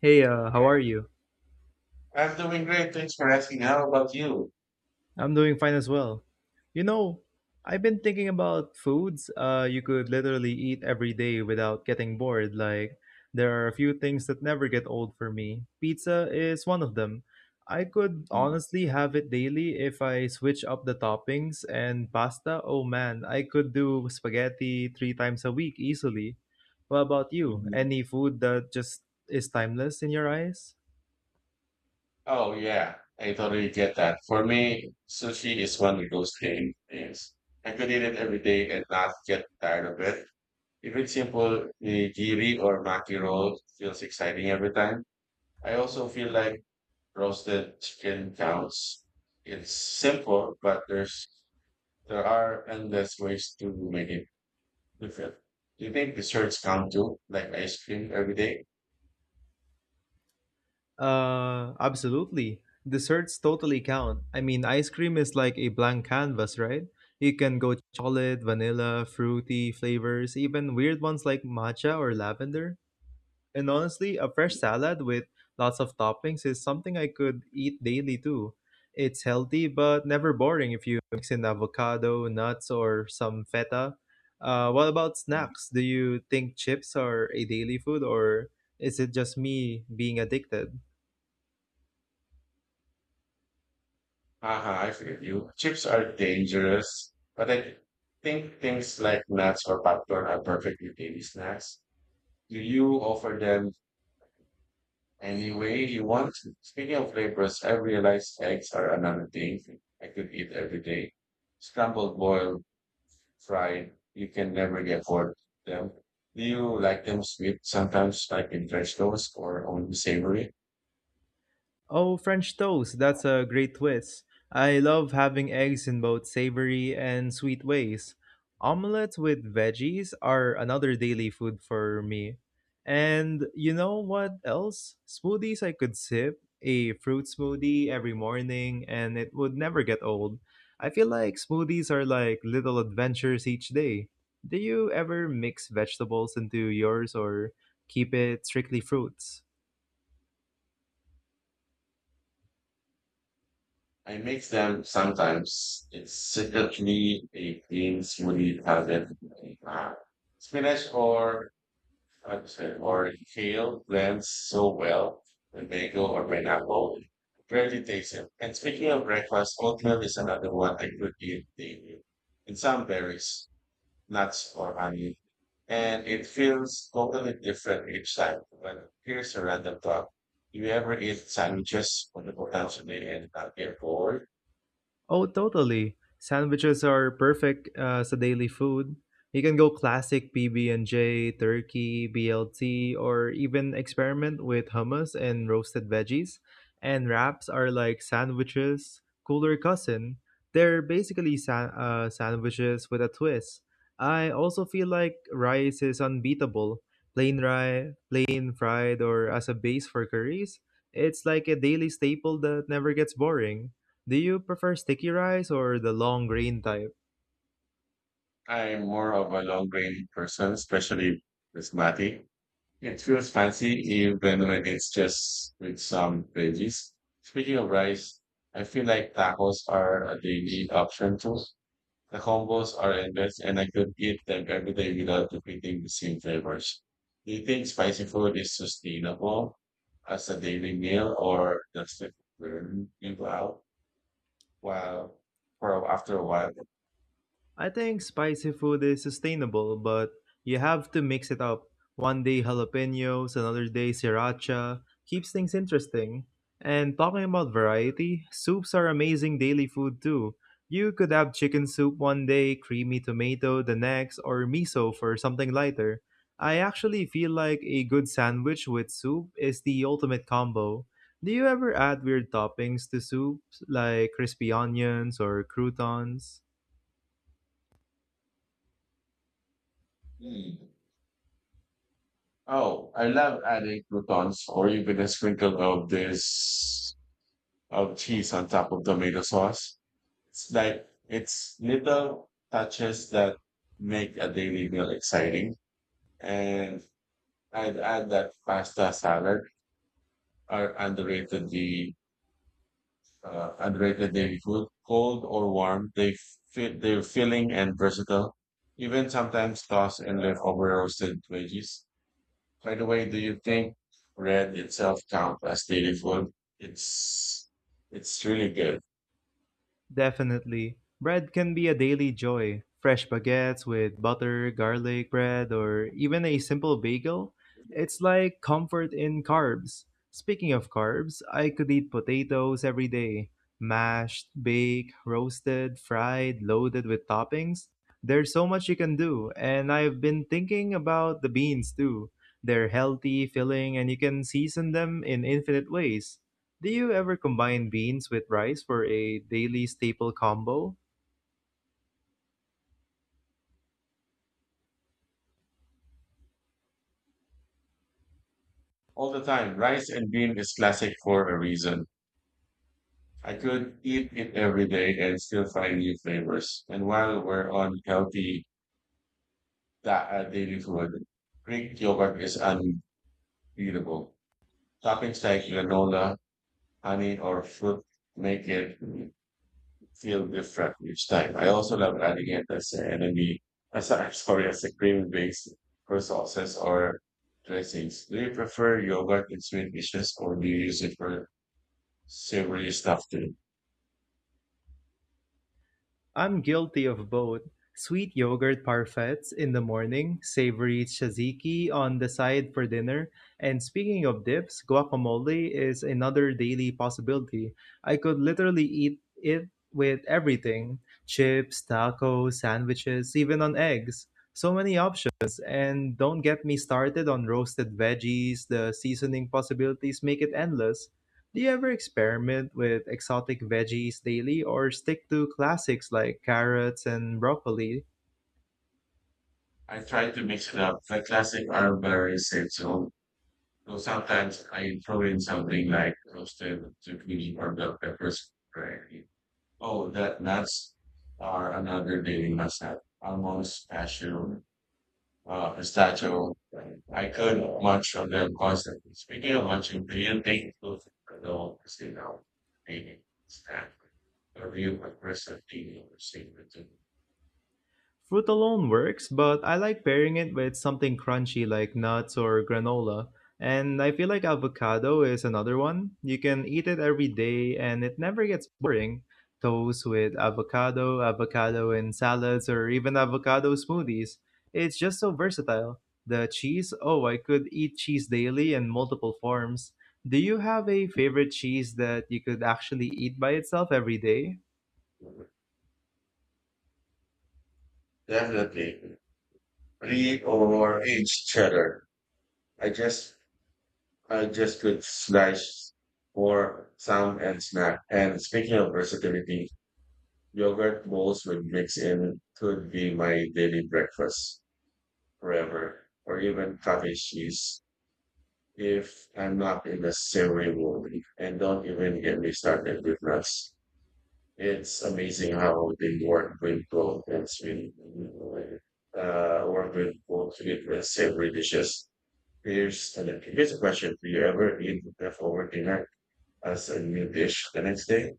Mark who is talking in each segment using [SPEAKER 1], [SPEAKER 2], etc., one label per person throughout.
[SPEAKER 1] Hey, how are you?
[SPEAKER 2] I'm doing great. Thanks for asking. How about you?
[SPEAKER 1] I'm doing fine as well. You know, I've been thinking about foods you could literally eat every day without getting bored. Like, there are a few things that never get old for me. Pizza is one of them. I could
[SPEAKER 2] Mm,
[SPEAKER 1] honestly have it daily if I switch up the toppings and pasta. Oh man, I could do spaghetti three times a week easily. What about you?
[SPEAKER 2] mhm.
[SPEAKER 1] Any food that just is timeless in your eyes?
[SPEAKER 2] Oh yeah, I totally get that. For me, sushi is one of those things. I could eat it every day and not get tired of it. Even simple nigiri or maki roll feels exciting every time. I also feel like roasted chicken counts. It's simple, but there are endless ways to make it different. Do you think desserts count too, like ice cream every day?
[SPEAKER 1] Absolutely. Desserts totally count. I mean, ice cream is like a blank canvas, right? You can go chocolate, vanilla, fruity flavors, even weird ones like matcha or lavender. And honestly, a fresh salad with lots of toppings is something I could eat daily too. It's healthy but never boring if you mix in avocado, nuts, or some feta. What about snacks? Do you think chips are a daily food or is it just me being addicted?
[SPEAKER 2] I feel you. Chips are dangerous, but I think things like nuts or popcorn are perfectly daily snacks. Do you offer them any way you want? Speaking of flavors, I realized eggs are another thing I could eat every day. Scrambled, boiled, fried, you can never get bored of them. Do you like them sweet sometimes, like in French toast, or only savory?
[SPEAKER 1] Oh, French toast, that's a great twist. I love having eggs in both savory and sweet ways. Omelets with veggies are another daily food for me. And you know what else? Smoothies I could sip, a fruit smoothie every morning, and it would never get old. I feel like smoothies are like little adventures each day. Do you ever mix vegetables into yours or keep it strictly fruits?
[SPEAKER 2] I make them sometimes. It's secretly a clean smoothie habit. Uh, Spinach or how to say or kale blends so well with mango or pineapple. Really takes it. And speaking of breakfast, oatmeal is another one I could eat daily. And some berries, nuts or honey. And it feels totally different each time. But here's a random thought. Do you ever eat sandwiches on the potentially and not get bored?
[SPEAKER 1] Oh, totally. Sandwiches are perfect as a daily food. You can go classic PB and J, turkey, BLT, or even experiment with hummus and roasted veggies. And wraps are like sandwiches, cooler cousin. They're basically sandwiches with a twist. I also feel like rice is unbeatable. Plain rice, plain fried, or as a base for curries. It's like a daily staple that never gets boring. Do you prefer sticky rice or the long grain type?
[SPEAKER 2] I'm more of a long grain person, especially basmati. It feels fancy even when it's just with some veggies. Speaking of rice, I feel like tacos are a daily option too. The combos are endless and I could eat them every day without repeating the same flavors. Do you think spicy food is sustainable as a daily meal or does it burn you out while for after a while?
[SPEAKER 1] I think spicy food is sustainable, but you have to mix it up. One day jalapenos, another day sriracha. Keeps things interesting. And talking about variety, soups are amazing daily food too. You could have chicken soup one day, creamy tomato the next, or miso for something lighter. I actually feel like a good sandwich with soup is the ultimate combo. Do you ever add weird toppings to soups like crispy onions or croutons?
[SPEAKER 2] Hmm. Oh, I love adding croutons or even a sprinkle of this of cheese on top of tomato sauce. It's little touches that make a daily meal exciting. And I'd add that pasta salad are underrated daily food, cold or warm. They're filling and versatile. Even sometimes tossed in leftover roasted veggies. By the way, do you think bread itself counts as daily food? It's it's really good
[SPEAKER 1] Definitely. Bread can be a daily joy. Fresh baguettes with butter, garlic bread, or even a simple bagel. It's like comfort in carbs. Speaking of carbs, I could eat potatoes every day. Mashed, baked, roasted, fried, loaded with toppings. There's so much you can do, and I've been thinking about the beans too. They're healthy, filling, and you can season them in infinite ways. Do you ever combine beans with rice for a daily staple combo?
[SPEAKER 2] all the time. Rice and bean is classic for a reason. I could eat it every day and still find new flavors. And while we're on healthy daily food, Greek yogurt is unbeatable. Toppings like granola, honey, or fruit make it feel different each time. I also love adding it as an enemy, sorry, as a cream based for sauces or dressings. Do you prefer yogurt in sweet dishes or do you use it for savory stuff too?
[SPEAKER 1] I'm guilty of both. Sweet yogurt parfaits in the morning, savory tzatziki on the side for dinner, and speaking of dips, guacamole is another daily possibility. I could literally eat it with everything: chips, tacos, sandwiches, even on eggs. So many options, and don't get me started on roasted veggies, the seasoning possibilities make it endless. Do you ever experiment with exotic veggies daily or stick to classics like carrots and broccoli?
[SPEAKER 2] I try to mix it up. The classic are very sensual. So sometimes I throw in something like roasted zucchini or bell peppers. Gravy. Oh, that nuts are another daily must have. Almost passion pistachio. I could munch on them constantly. Speaking of munching, do you think food could all see now? Maybe snack. A real aggressive eating or secret.
[SPEAKER 1] Fruit alone works, but I like pairing it with something crunchy like nuts or granola. And I feel like avocado is another one. You can eat it every day and it never gets boring. Toast with avocado, avocado in salads, or even avocado smoothies. It's just so versatile. The cheese, oh, I could eat cheese daily in multiple forms. Do you have a favorite cheese that you could actually eat by itself every day?
[SPEAKER 2] Definitely. Pre or aged cheddar. I just, I just could slice for sound and snack. And speaking of versatility, yogurt bowls with mix in could be my daily breakfast forever, or even cottage cheese. If I'm not in the same world. And don't even get me started with nuts. It's amazing how they work with both work with both sweet and savory dishes. Here's a question. Do you ever eat leftover dinner as a new dish the next day?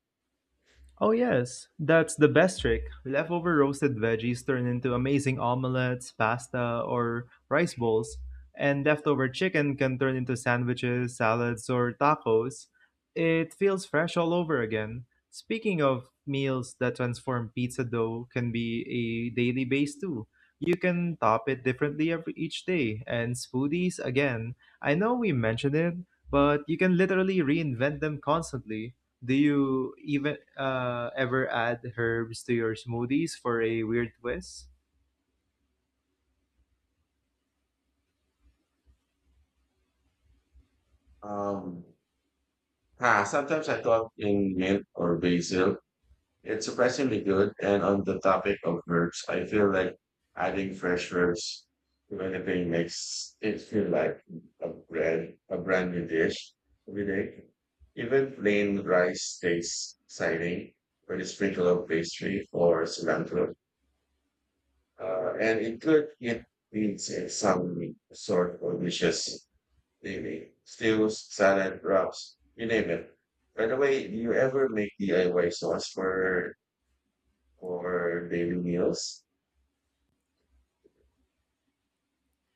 [SPEAKER 1] Oh, yes, that's the best trick. Leftover roasted veggies turn into amazing omelets, pasta, or rice bowls. And leftover chicken can turn into sandwiches, salads, or tacos. It feels fresh all over again. Speaking of meals that transform, pizza dough can be a daily base too. You can top it differently every, each day. And smoothies, again, I know we mentioned it, but you can literally reinvent them constantly. Do you even ever add herbs to your smoothies for a weird twist?
[SPEAKER 2] Um, Sometimes I thought in mint or basil. It's surprisingly good. And on the topic of verbs, I feel like adding fresh verbs to anything makes it feel like a brand new dish every day. Even plain rice tastes exciting with a sprinkle of pastry or cilantro. And it could eat beans in some sort of dishes, maybe stews, salad, wraps, you name it. By the way, do you ever make DIY sauce for daily meals.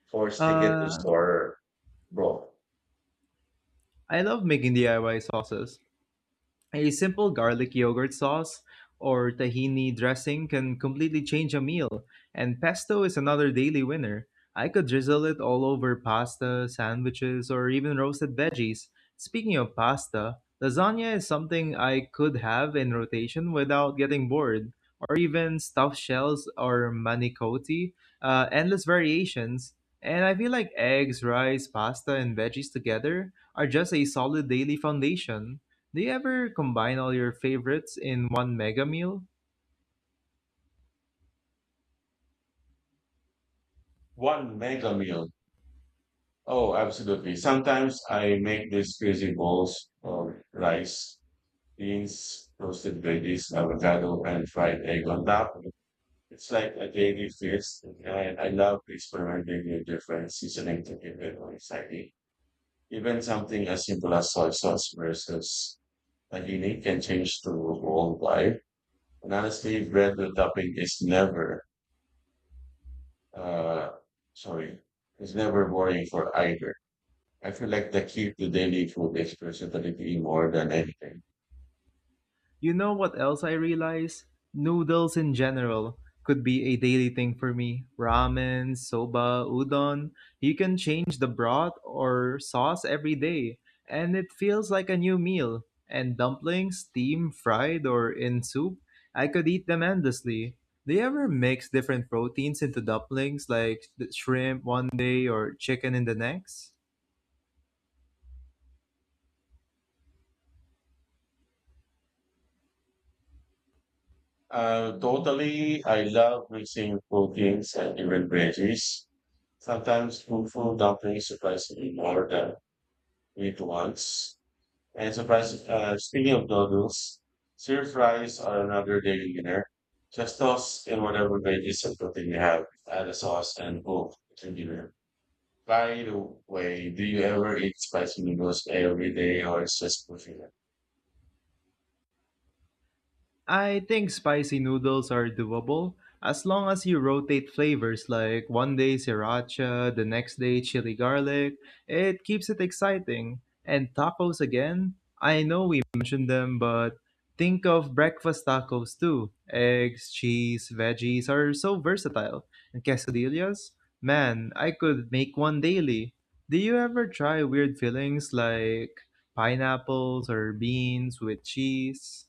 [SPEAKER 2] Force ticket to
[SPEAKER 1] Uh,
[SPEAKER 2] store, bro.
[SPEAKER 1] I love making DIY sauces, a simple garlic yogurt sauce or tahini dressing can completely change a meal, and pesto is another daily winner. I could drizzle it all over pasta, sandwiches, or even roasted veggies. Speaking of pasta, lasagna is something I could have in rotation without getting bored, or even stuffed shells or manicotti, endless variations. And I feel like eggs, rice, pasta, and veggies together are just a solid daily foundation. Do you ever combine all your favorites in one mega meal?
[SPEAKER 2] One mega meal. Oh, absolutely. Sometimes I make these crazy bowls of rice, beans, toasted veggies, avocado, and fried egg on top. It's like a daily feast, and I love experimenting with different seasoning to keep it more exciting. Even something as simple as soy sauce versus tahini can change the whole vibe. And honestly, bread with topping is never uh, sorry, it's never boring for either. I feel like the key to daily food is versatility more than anything.
[SPEAKER 1] You know what else I realize? Noodles in general could be a daily thing for me. Ramen, soba, udon. You can change the broth or sauce every day, and it feels like a new meal. And dumplings, steamed, fried, or in soup, I could eat them endlessly. Do you ever mix different proteins into dumplings, like the shrimp one day or chicken in the next?
[SPEAKER 2] Totally, I love mixing proteins and even veggies. Sometimes fufu dumplings surprise me more than meat ones. And speaking of noodles, stir fries are another daily dinner. Just toss in whatever veggies and protein you have, add a sauce and boom, it's a dinner. By the way, do you ever eat spicy noodles every day or it's just for
[SPEAKER 1] I think spicy noodles are doable as long as you rotate flavors, like one day sriracha, the next day chili garlic. It keeps it exciting. And tacos again? I know we mentioned them, but think of breakfast tacos too. Eggs, cheese, veggies are so versatile. And quesadillas? Man, I could make one daily. Do you ever try weird fillings like pineapples or beans with cheese?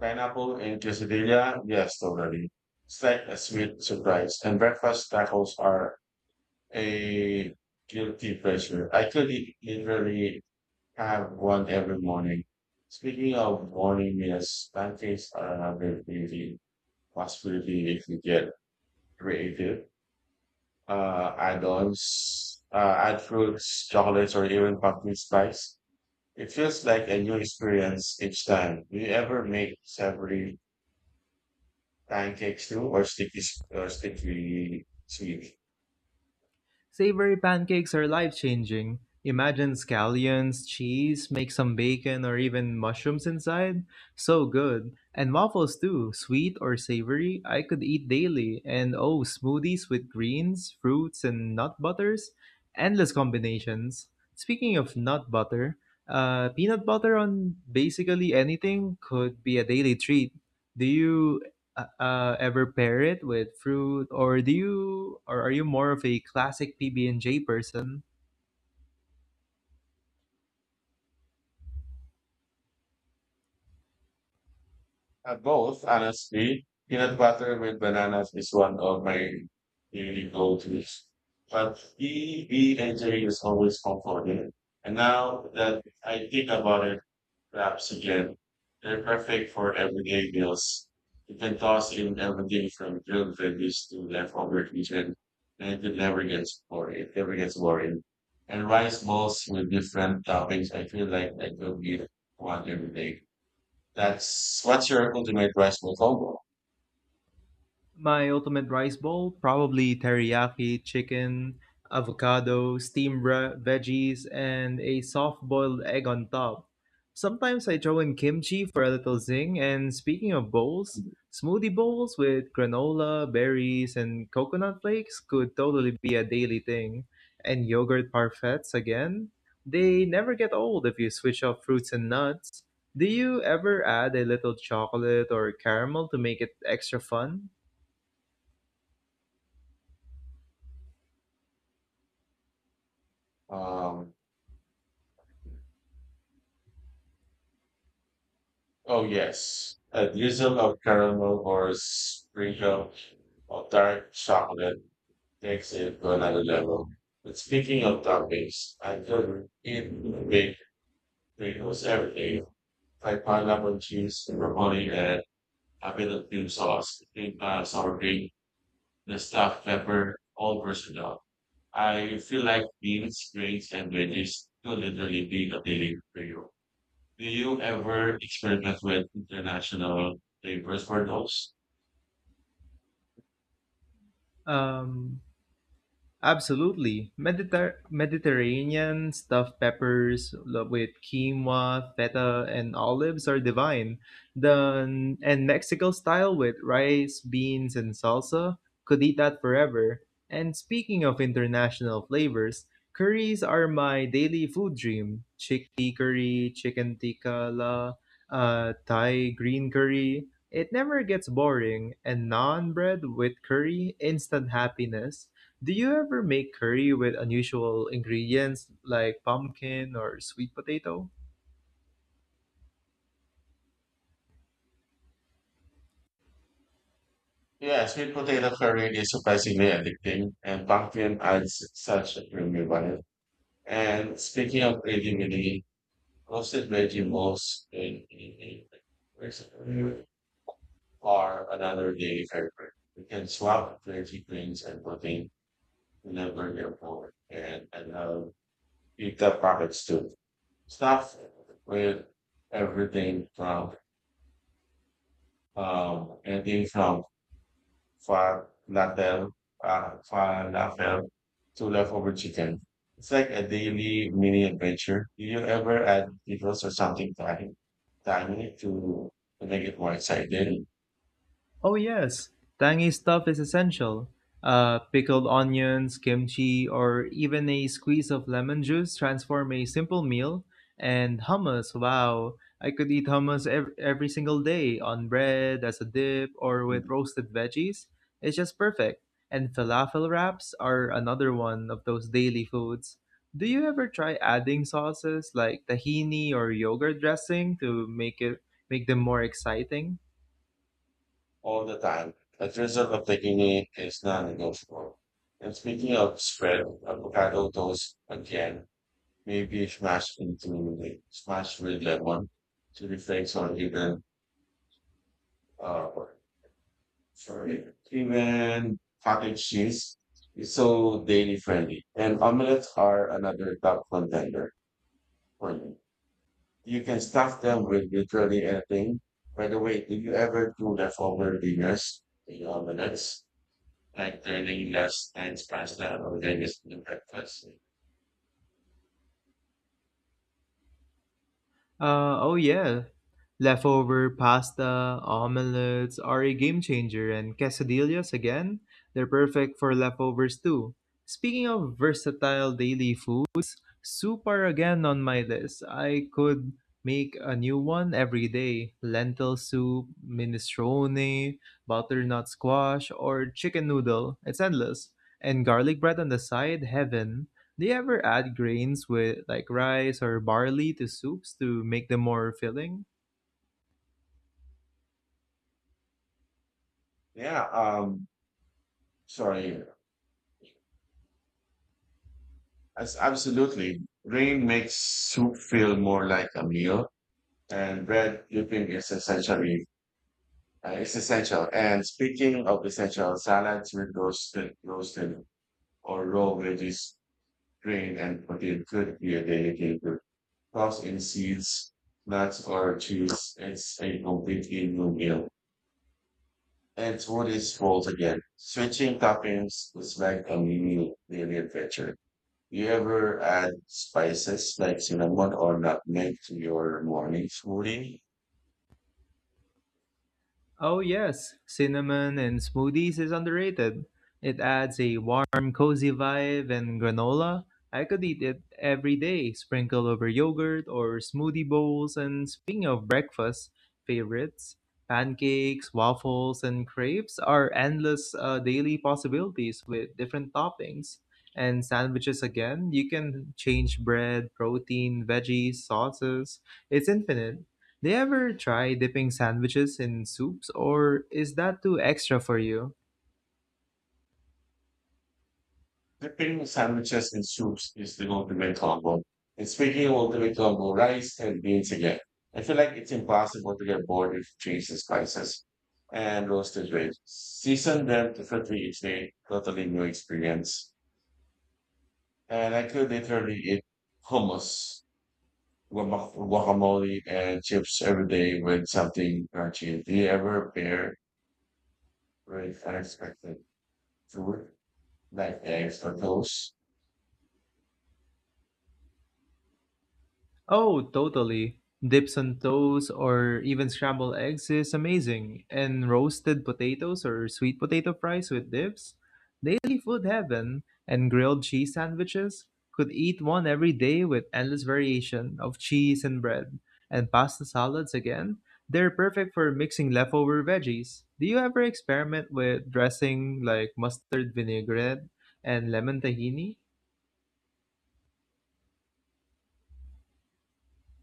[SPEAKER 2] Pineapple and quesadilla? Yes, totally. It's like a sweet surprise. And breakfast tacos are a guilty pleasure. I could literally have one every morning. Speaking of morning meals, pancakes are another really possibility if you get creative. Add fruits, chocolates, or even pumpkin spice. It feels like a new experience each time. Do you ever make savory pancakes too, or sticky sweet?
[SPEAKER 1] Savory pancakes are life-changing. Imagine scallions, cheese, make some bacon or even mushrooms inside. So good. And waffles too, sweet or savory, I could eat daily. And oh, smoothies with greens, fruits, and nut butters. Endless combinations. Speaking of nut butter, peanut butter on basically anything could be a daily treat. Do you ever pair it with fruit, or do you, or are you more of a classic PB and J person?
[SPEAKER 2] Both, honestly. Peanut butter with bananas is one of my really go-tos. But EB engineering is always comforting. And now that I think about it, wraps again. They're perfect for everyday meals. You can toss in everything from grilled veggies to leftover chicken, and It never gets boring. And rice balls with different toppings. I feel like I could eat one every day. That's what's your ultimate rice bowl combo?
[SPEAKER 1] My ultimate rice bowl, probably teriyaki chicken, avocado, steamed veggies, and a soft-boiled egg on top. Sometimes I throw in kimchi for a little zing. And speaking of bowls, smoothie bowls with granola, berries, and coconut flakes could totally be a daily thing. And yogurt parfaits again. They never get old if you switch up fruits and nuts. Do you ever add a little chocolate or caramel to make it extra fun?
[SPEAKER 2] Um, oh yes, a drizzle of caramel or sprinkle or dark chocolate takes it to another level. But speaking of toppings, I could eat big potatoes every day. I pineapple juice, pepperoni, and a bit of cream sauce, cream sour cream, the stuffed pepper, all versatile. I feel like beans, grains, and veggies could literally be a daily for you. Do you ever experiment with international flavors for those?
[SPEAKER 1] um, Absolutely. Mediterranean stuffed peppers with quinoa, feta, and olives are divine. The and Mexican style with rice, beans, and salsa, could eat that forever. And speaking of international flavors, curries are my daily food dream. Chickpea curry, chicken tikka Thai green curry. It never gets boring, and naan bread with curry, instant happiness. Do you ever make curry with unusual ingredients like pumpkin or sweet potato?
[SPEAKER 2] Yeah, sweet potato curry is surprisingly addicting, and pumpkin adds such a creamy vibe. And speaking of creativity, roasted vegetables are another daily favorite. You can swap veggie greens and protein whenever you're bored, and I love pizza products too. Stuff with everything from um anything from for Natal, falafel, tuna leftover chicken. It's like a daily mini adventure. Do you ever add details or something tiny to make it more exciting?
[SPEAKER 1] Oh, yes, tangy stuff is essential. Pickled onions, kimchi, or even a squeeze of lemon juice transform a simple meal. And hummus, wow, I could eat hummus every single day on bread, as a dip, or with roasted veggies. It's just perfect. And falafel wraps are another one of those daily foods. Do you ever try adding sauces like tahini or yogurt dressing to make them more exciting?
[SPEAKER 2] All the time. The thrill of taking it is non-negotiable. And speaking of spread, avocado toast again, maybe smashed with lemon, chili flakes, or even uh, Sorry. Even cottage cheese is so daily friendly, and omelets are another top contender for me. You can stuff them with literally anything. By the way, do you ever do leftover dinners in omelets, like turning last night's pasta or dinner's in breakfast?
[SPEAKER 1] Oh yeah. Leftover pasta omelets are a game changer, and quesadillas again, they're perfect for leftovers too. Speaking of versatile daily food, soup are again on my list. I could make a new one every day. Lentil soup, minestrone, butternut squash, or chicken noodle. It's endless. And garlic bread on the side, heaven. Do you ever add grains with like rice or barley to soups to make them more filling?
[SPEAKER 2] Yeah, sorry. As Absolutely. Rain makes soup feel more like a meal, and bread dipping is essentially it's essential. And speaking of essential, salads with roasted or raw veggies, grain, and protein could be a daily favorite. Toss in seeds, nuts, or cheese. It's a complete evening meal. And what is again. Switching toppings is like a mini daily adventure. You ever add spices like cinnamon or nutmeg to your morning smoothie?
[SPEAKER 1] Oh, yes, cinnamon and smoothies is underrated. It adds a warm, cozy vibe, and granola. I could eat it every day, sprinkle over yogurt or smoothie bowls. And speaking of breakfast favorites, pancakes, waffles, and crepes are endless daily possibilities with different toppings. And sandwiches again, you can change bread, protein, veggies, sauces. It's infinite. Do you ever try dipping sandwiches in soups or is that too extra for you?
[SPEAKER 2] Dipping sandwiches in soups is the ultimate combo. And speaking of ultimate combo, rice and beans again. I feel like it's impossible to get bored if cheese and spices and roasted veggies. Season them differently each day, totally new experience. And I could literally eat hummus, guacamole, and chips every day with something crunchy. Do you ever pair with unexpected food like eggs or toast?
[SPEAKER 1] Oh, totally. Dips on toast or even scrambled eggs is amazing. And roasted potatoes or sweet potato fries with dips? Daily food heaven. And grilled cheese sandwiches? Could eat one every day with endless variation of cheese and bread. And pasta salads again? They're perfect for mixing leftover veggies. Do you ever experiment with dressing like mustard vinaigrette and lemon tahini?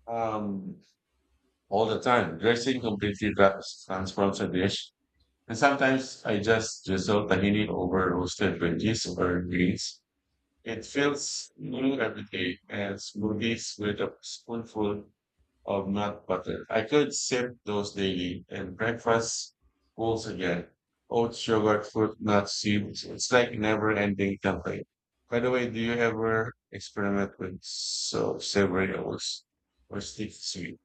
[SPEAKER 2] Um, all the time. Dressing completely transforms a dish. And sometimes I just drizzle tahini over roasted veggies or greens. It feels new every day and smoothies with a spoonful of nut butter. I could sip those daily and breakfast goals again. Oats, yogurt, fruit, nuts, seeds. It's like never ending campaign. By the way, do you ever experiment with so savory oats or stick to sweet?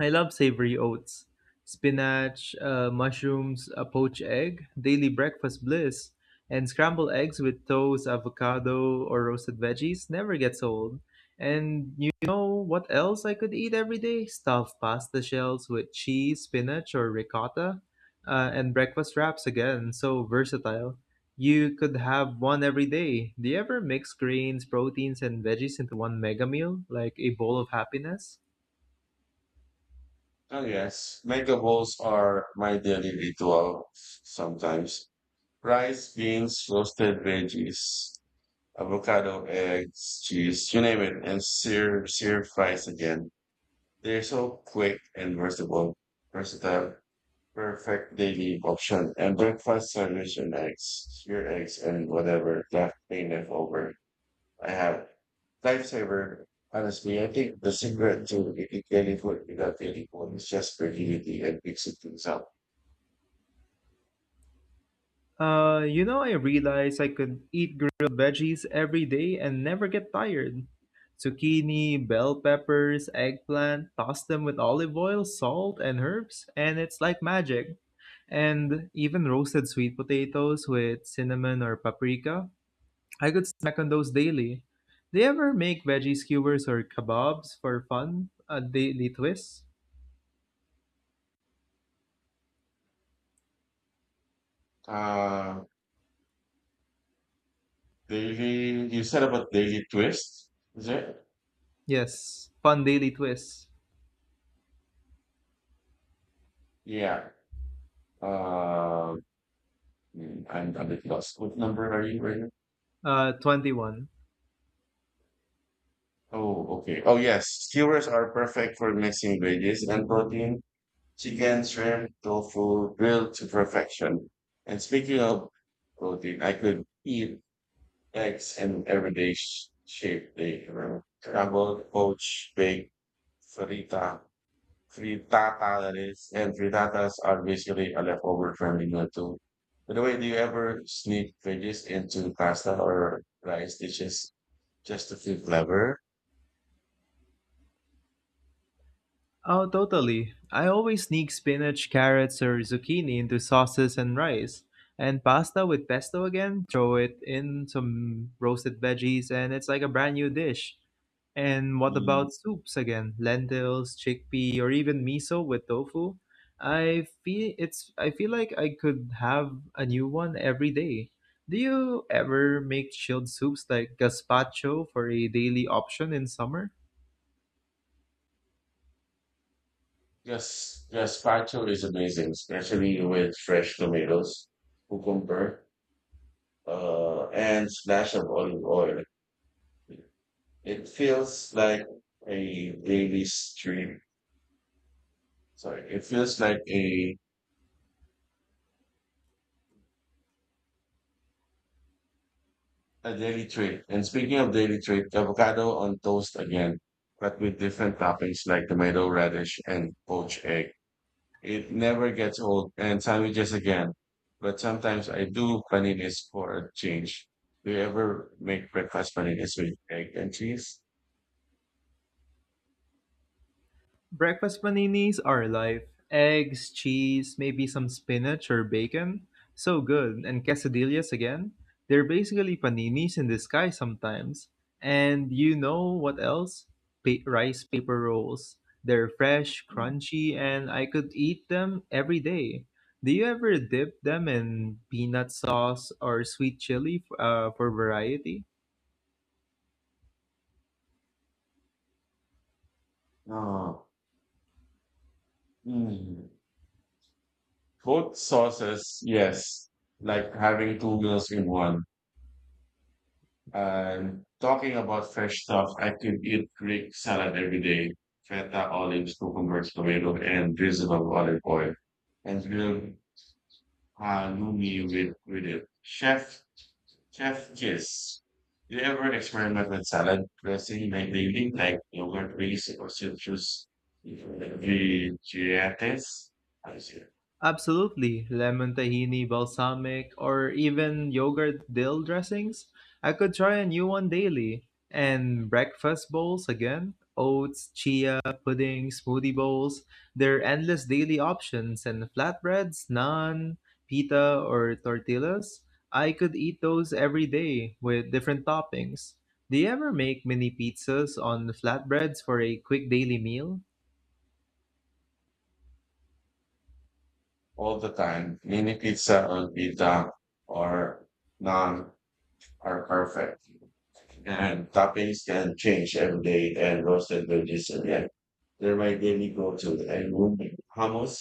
[SPEAKER 1] I love savory oats. Spinach, mushrooms, a poached egg, daily breakfast bliss, and scrambled eggs with toast, avocado, or roasted veggies never gets old. And you know what else I could eat every day? Stuffed pasta shells with cheese, spinach, or ricotta, and breakfast wraps again. So versatile. You could have one every day. Do you ever mix grains, proteins, and veggies into one mega meal, like a bowl of happiness?
[SPEAKER 2] Oh yes, mega bowls are my daily ritual sometimes. Rice, beans, roasted veggies, avocado, eggs, cheese, you name it, and sear fries again. They're so quick and versatile, perfect daily option. And breakfast sandwich and eggs, your eggs and whatever left over. I have. Lifesaver, honestly, I think the secret to eating daily food without daily full is just creativity and mixing things up.
[SPEAKER 1] I realized I could eat grilled veggies every day and never get tired. Zucchini, bell peppers, eggplant, toss them with olive oil, salt, and herbs, and it's like magic. And even roasted sweet potatoes with cinnamon or paprika, I could snack on those daily. Do you ever make veggie skewers or kebabs for fun? A daily twist?
[SPEAKER 2] Uh, daily, you said about daily twist, is it?
[SPEAKER 1] Yes, fun daily twist.
[SPEAKER 2] Yeah. Uh, I'm a bit lost. What number are you right now?
[SPEAKER 1] 21.
[SPEAKER 2] Oh, okay. Oh, yes. Skewers are perfect for mixing veggies and protein, chicken, shrimp, tofu, grilled to perfection. And speaking of protein, I could eat eggs in everyday shape they were. About poached, baked, frita, frittata that is, and frittatas are basically a leftover from England too. By the way, do you ever sneak veggies into pasta or rice dishes just to feel clever?
[SPEAKER 1] Oh, totally. I always sneak spinach, carrots, or zucchini into sauces and rice. And pasta with pesto again, throw it in some roasted veggies, and it's like a brand new dish. And what
[SPEAKER 2] Mm.
[SPEAKER 1] about soups again? Lentils, chickpea, or even miso with tofu? I feel like I could have a new one every day. Do you ever make chilled soups like gazpacho for a daily option in summer?
[SPEAKER 2] Gazpacho is amazing, especially with fresh tomatoes, cucumber, and splash of olive oil. It feels like a daily stream. It feels like a daily treat. And speaking of daily treat, avocado on toast again, but with different toppings like tomato, radish, and poached egg. It never gets old. And sandwiches again, but sometimes I do paninis for a change. Do you ever make breakfast paninis with egg and cheese?
[SPEAKER 1] Breakfast paninis are life. Eggs, cheese, maybe some spinach or bacon. So good. And quesadillas again. They're basically paninis in disguise sometimes. And you know what else? Rice paper rolls. They're fresh,
[SPEAKER 2] Mm.
[SPEAKER 1] crunchy, and I could eat them every day. Do you ever dip them in peanut sauce or sweet chili for variety?
[SPEAKER 2] Oh, mm. Both sauces, yes. Like having two meals in one. And talking about fresh stuff, I could eat Greek salad every day, feta, olives, cucumbers, tomato, and drizzle of olive oil, and grilled halloumi with it. Chef kiss. Do you ever experiment with salad dressing like lately, like yogurt base or citrus vegetables? I see
[SPEAKER 1] Absolutely. Lemon tahini, balsamic, or even yogurt dill dressings. I could try a new one daily. And breakfast bowls again. Oats, chia, pudding, smoothie bowls. There are endless daily options. And flatbreads, naan, pita, or tortillas. I could eat those every day with different toppings. Do you ever make mini pizzas on flatbreads for a quick daily meal?
[SPEAKER 2] all the time. Mini pizza or pita or naan are perfect. And toppings can change every day and roasted veggies and egg. They're my daily go-to and room hummus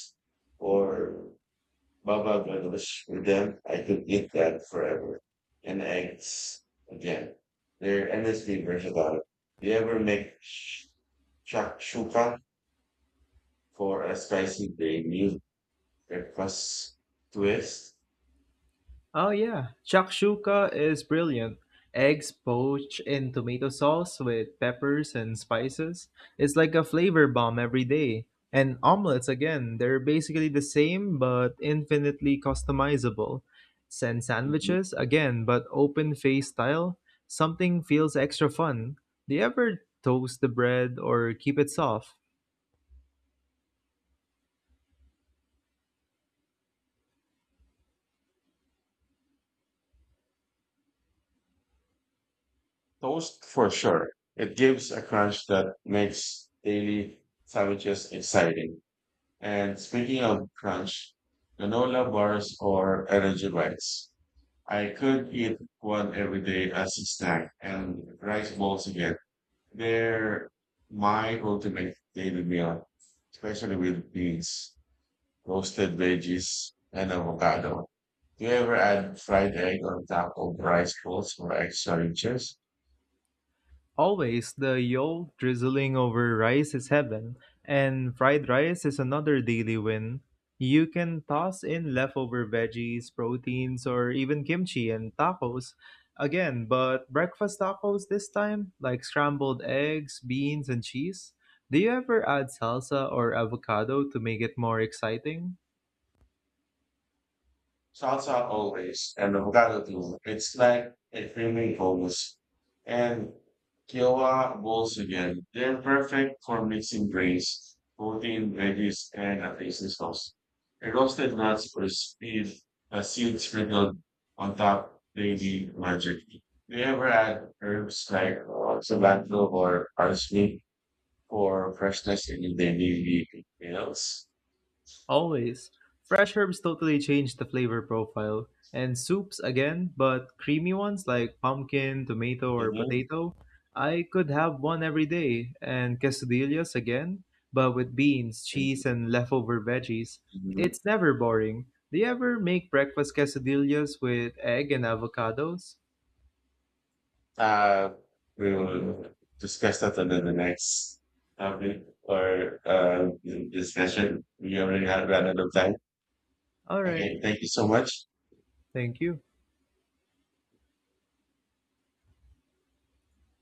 [SPEAKER 2] or baba ganoush with them. I could eat that forever. And eggs again. They're endlessly versatile. Do you ever make shakshuka for a spicy day meal breakfast twist?
[SPEAKER 1] Oh yeah, shakshuka is brilliant. Eggs poached in tomato sauce with peppers and spices. It's like a flavor bomb every day. And omelets again, they're basically the same but infinitely customizable. And
[SPEAKER 2] Mhm.
[SPEAKER 1] sandwiches again, but open face style. Something feels extra fun. Do you ever toast the bread or keep it soft?
[SPEAKER 2] Toast for sure. It gives a crunch that makes daily sandwiches exciting. And speaking of crunch, granola bars or energy bites. I could eat one every day as a snack and rice balls again. They're my ultimate daily meal, especially with beans, roasted veggies, and avocado. Do you ever add fried egg on top of rice balls for extra richness?
[SPEAKER 1] Always. The yolk drizzling over rice is heaven, and fried rice is another daily win. You can toss in leftover veggies, proteins, or even kimchi. And tacos again, but breakfast tacos this time, like scrambled eggs, beans, and cheese. Do you ever add salsa or avocado to make it more exciting?
[SPEAKER 2] Salsa always and avocado too. It's like a creamy hummus. And quinoa bowls again. They're perfect for mixing grains, protein, veggies, and a tasty sauce. A roasted nuts or speed, a seed sprinkled on top, they be magic. Do you ever add herbs like cilantro or parsley for freshness in your daily meals?
[SPEAKER 1] Always. Fresh herbs totally change the flavor profile. And soups again, but creamy ones like pumpkin, tomato, or
[SPEAKER 2] Mm-hmm.
[SPEAKER 1] potato. I could have one every day. And quesadillas again, but with beans, cheese, and leftover veggies.
[SPEAKER 2] Mm-hmm.
[SPEAKER 1] It's never boring. Do you ever make breakfast quesadillas with egg and avocados?
[SPEAKER 2] Uh, we will discuss that under the next topic or discussion. We already have run out of time.
[SPEAKER 1] Alright,
[SPEAKER 2] Okay, thank you so much.
[SPEAKER 1] thank you.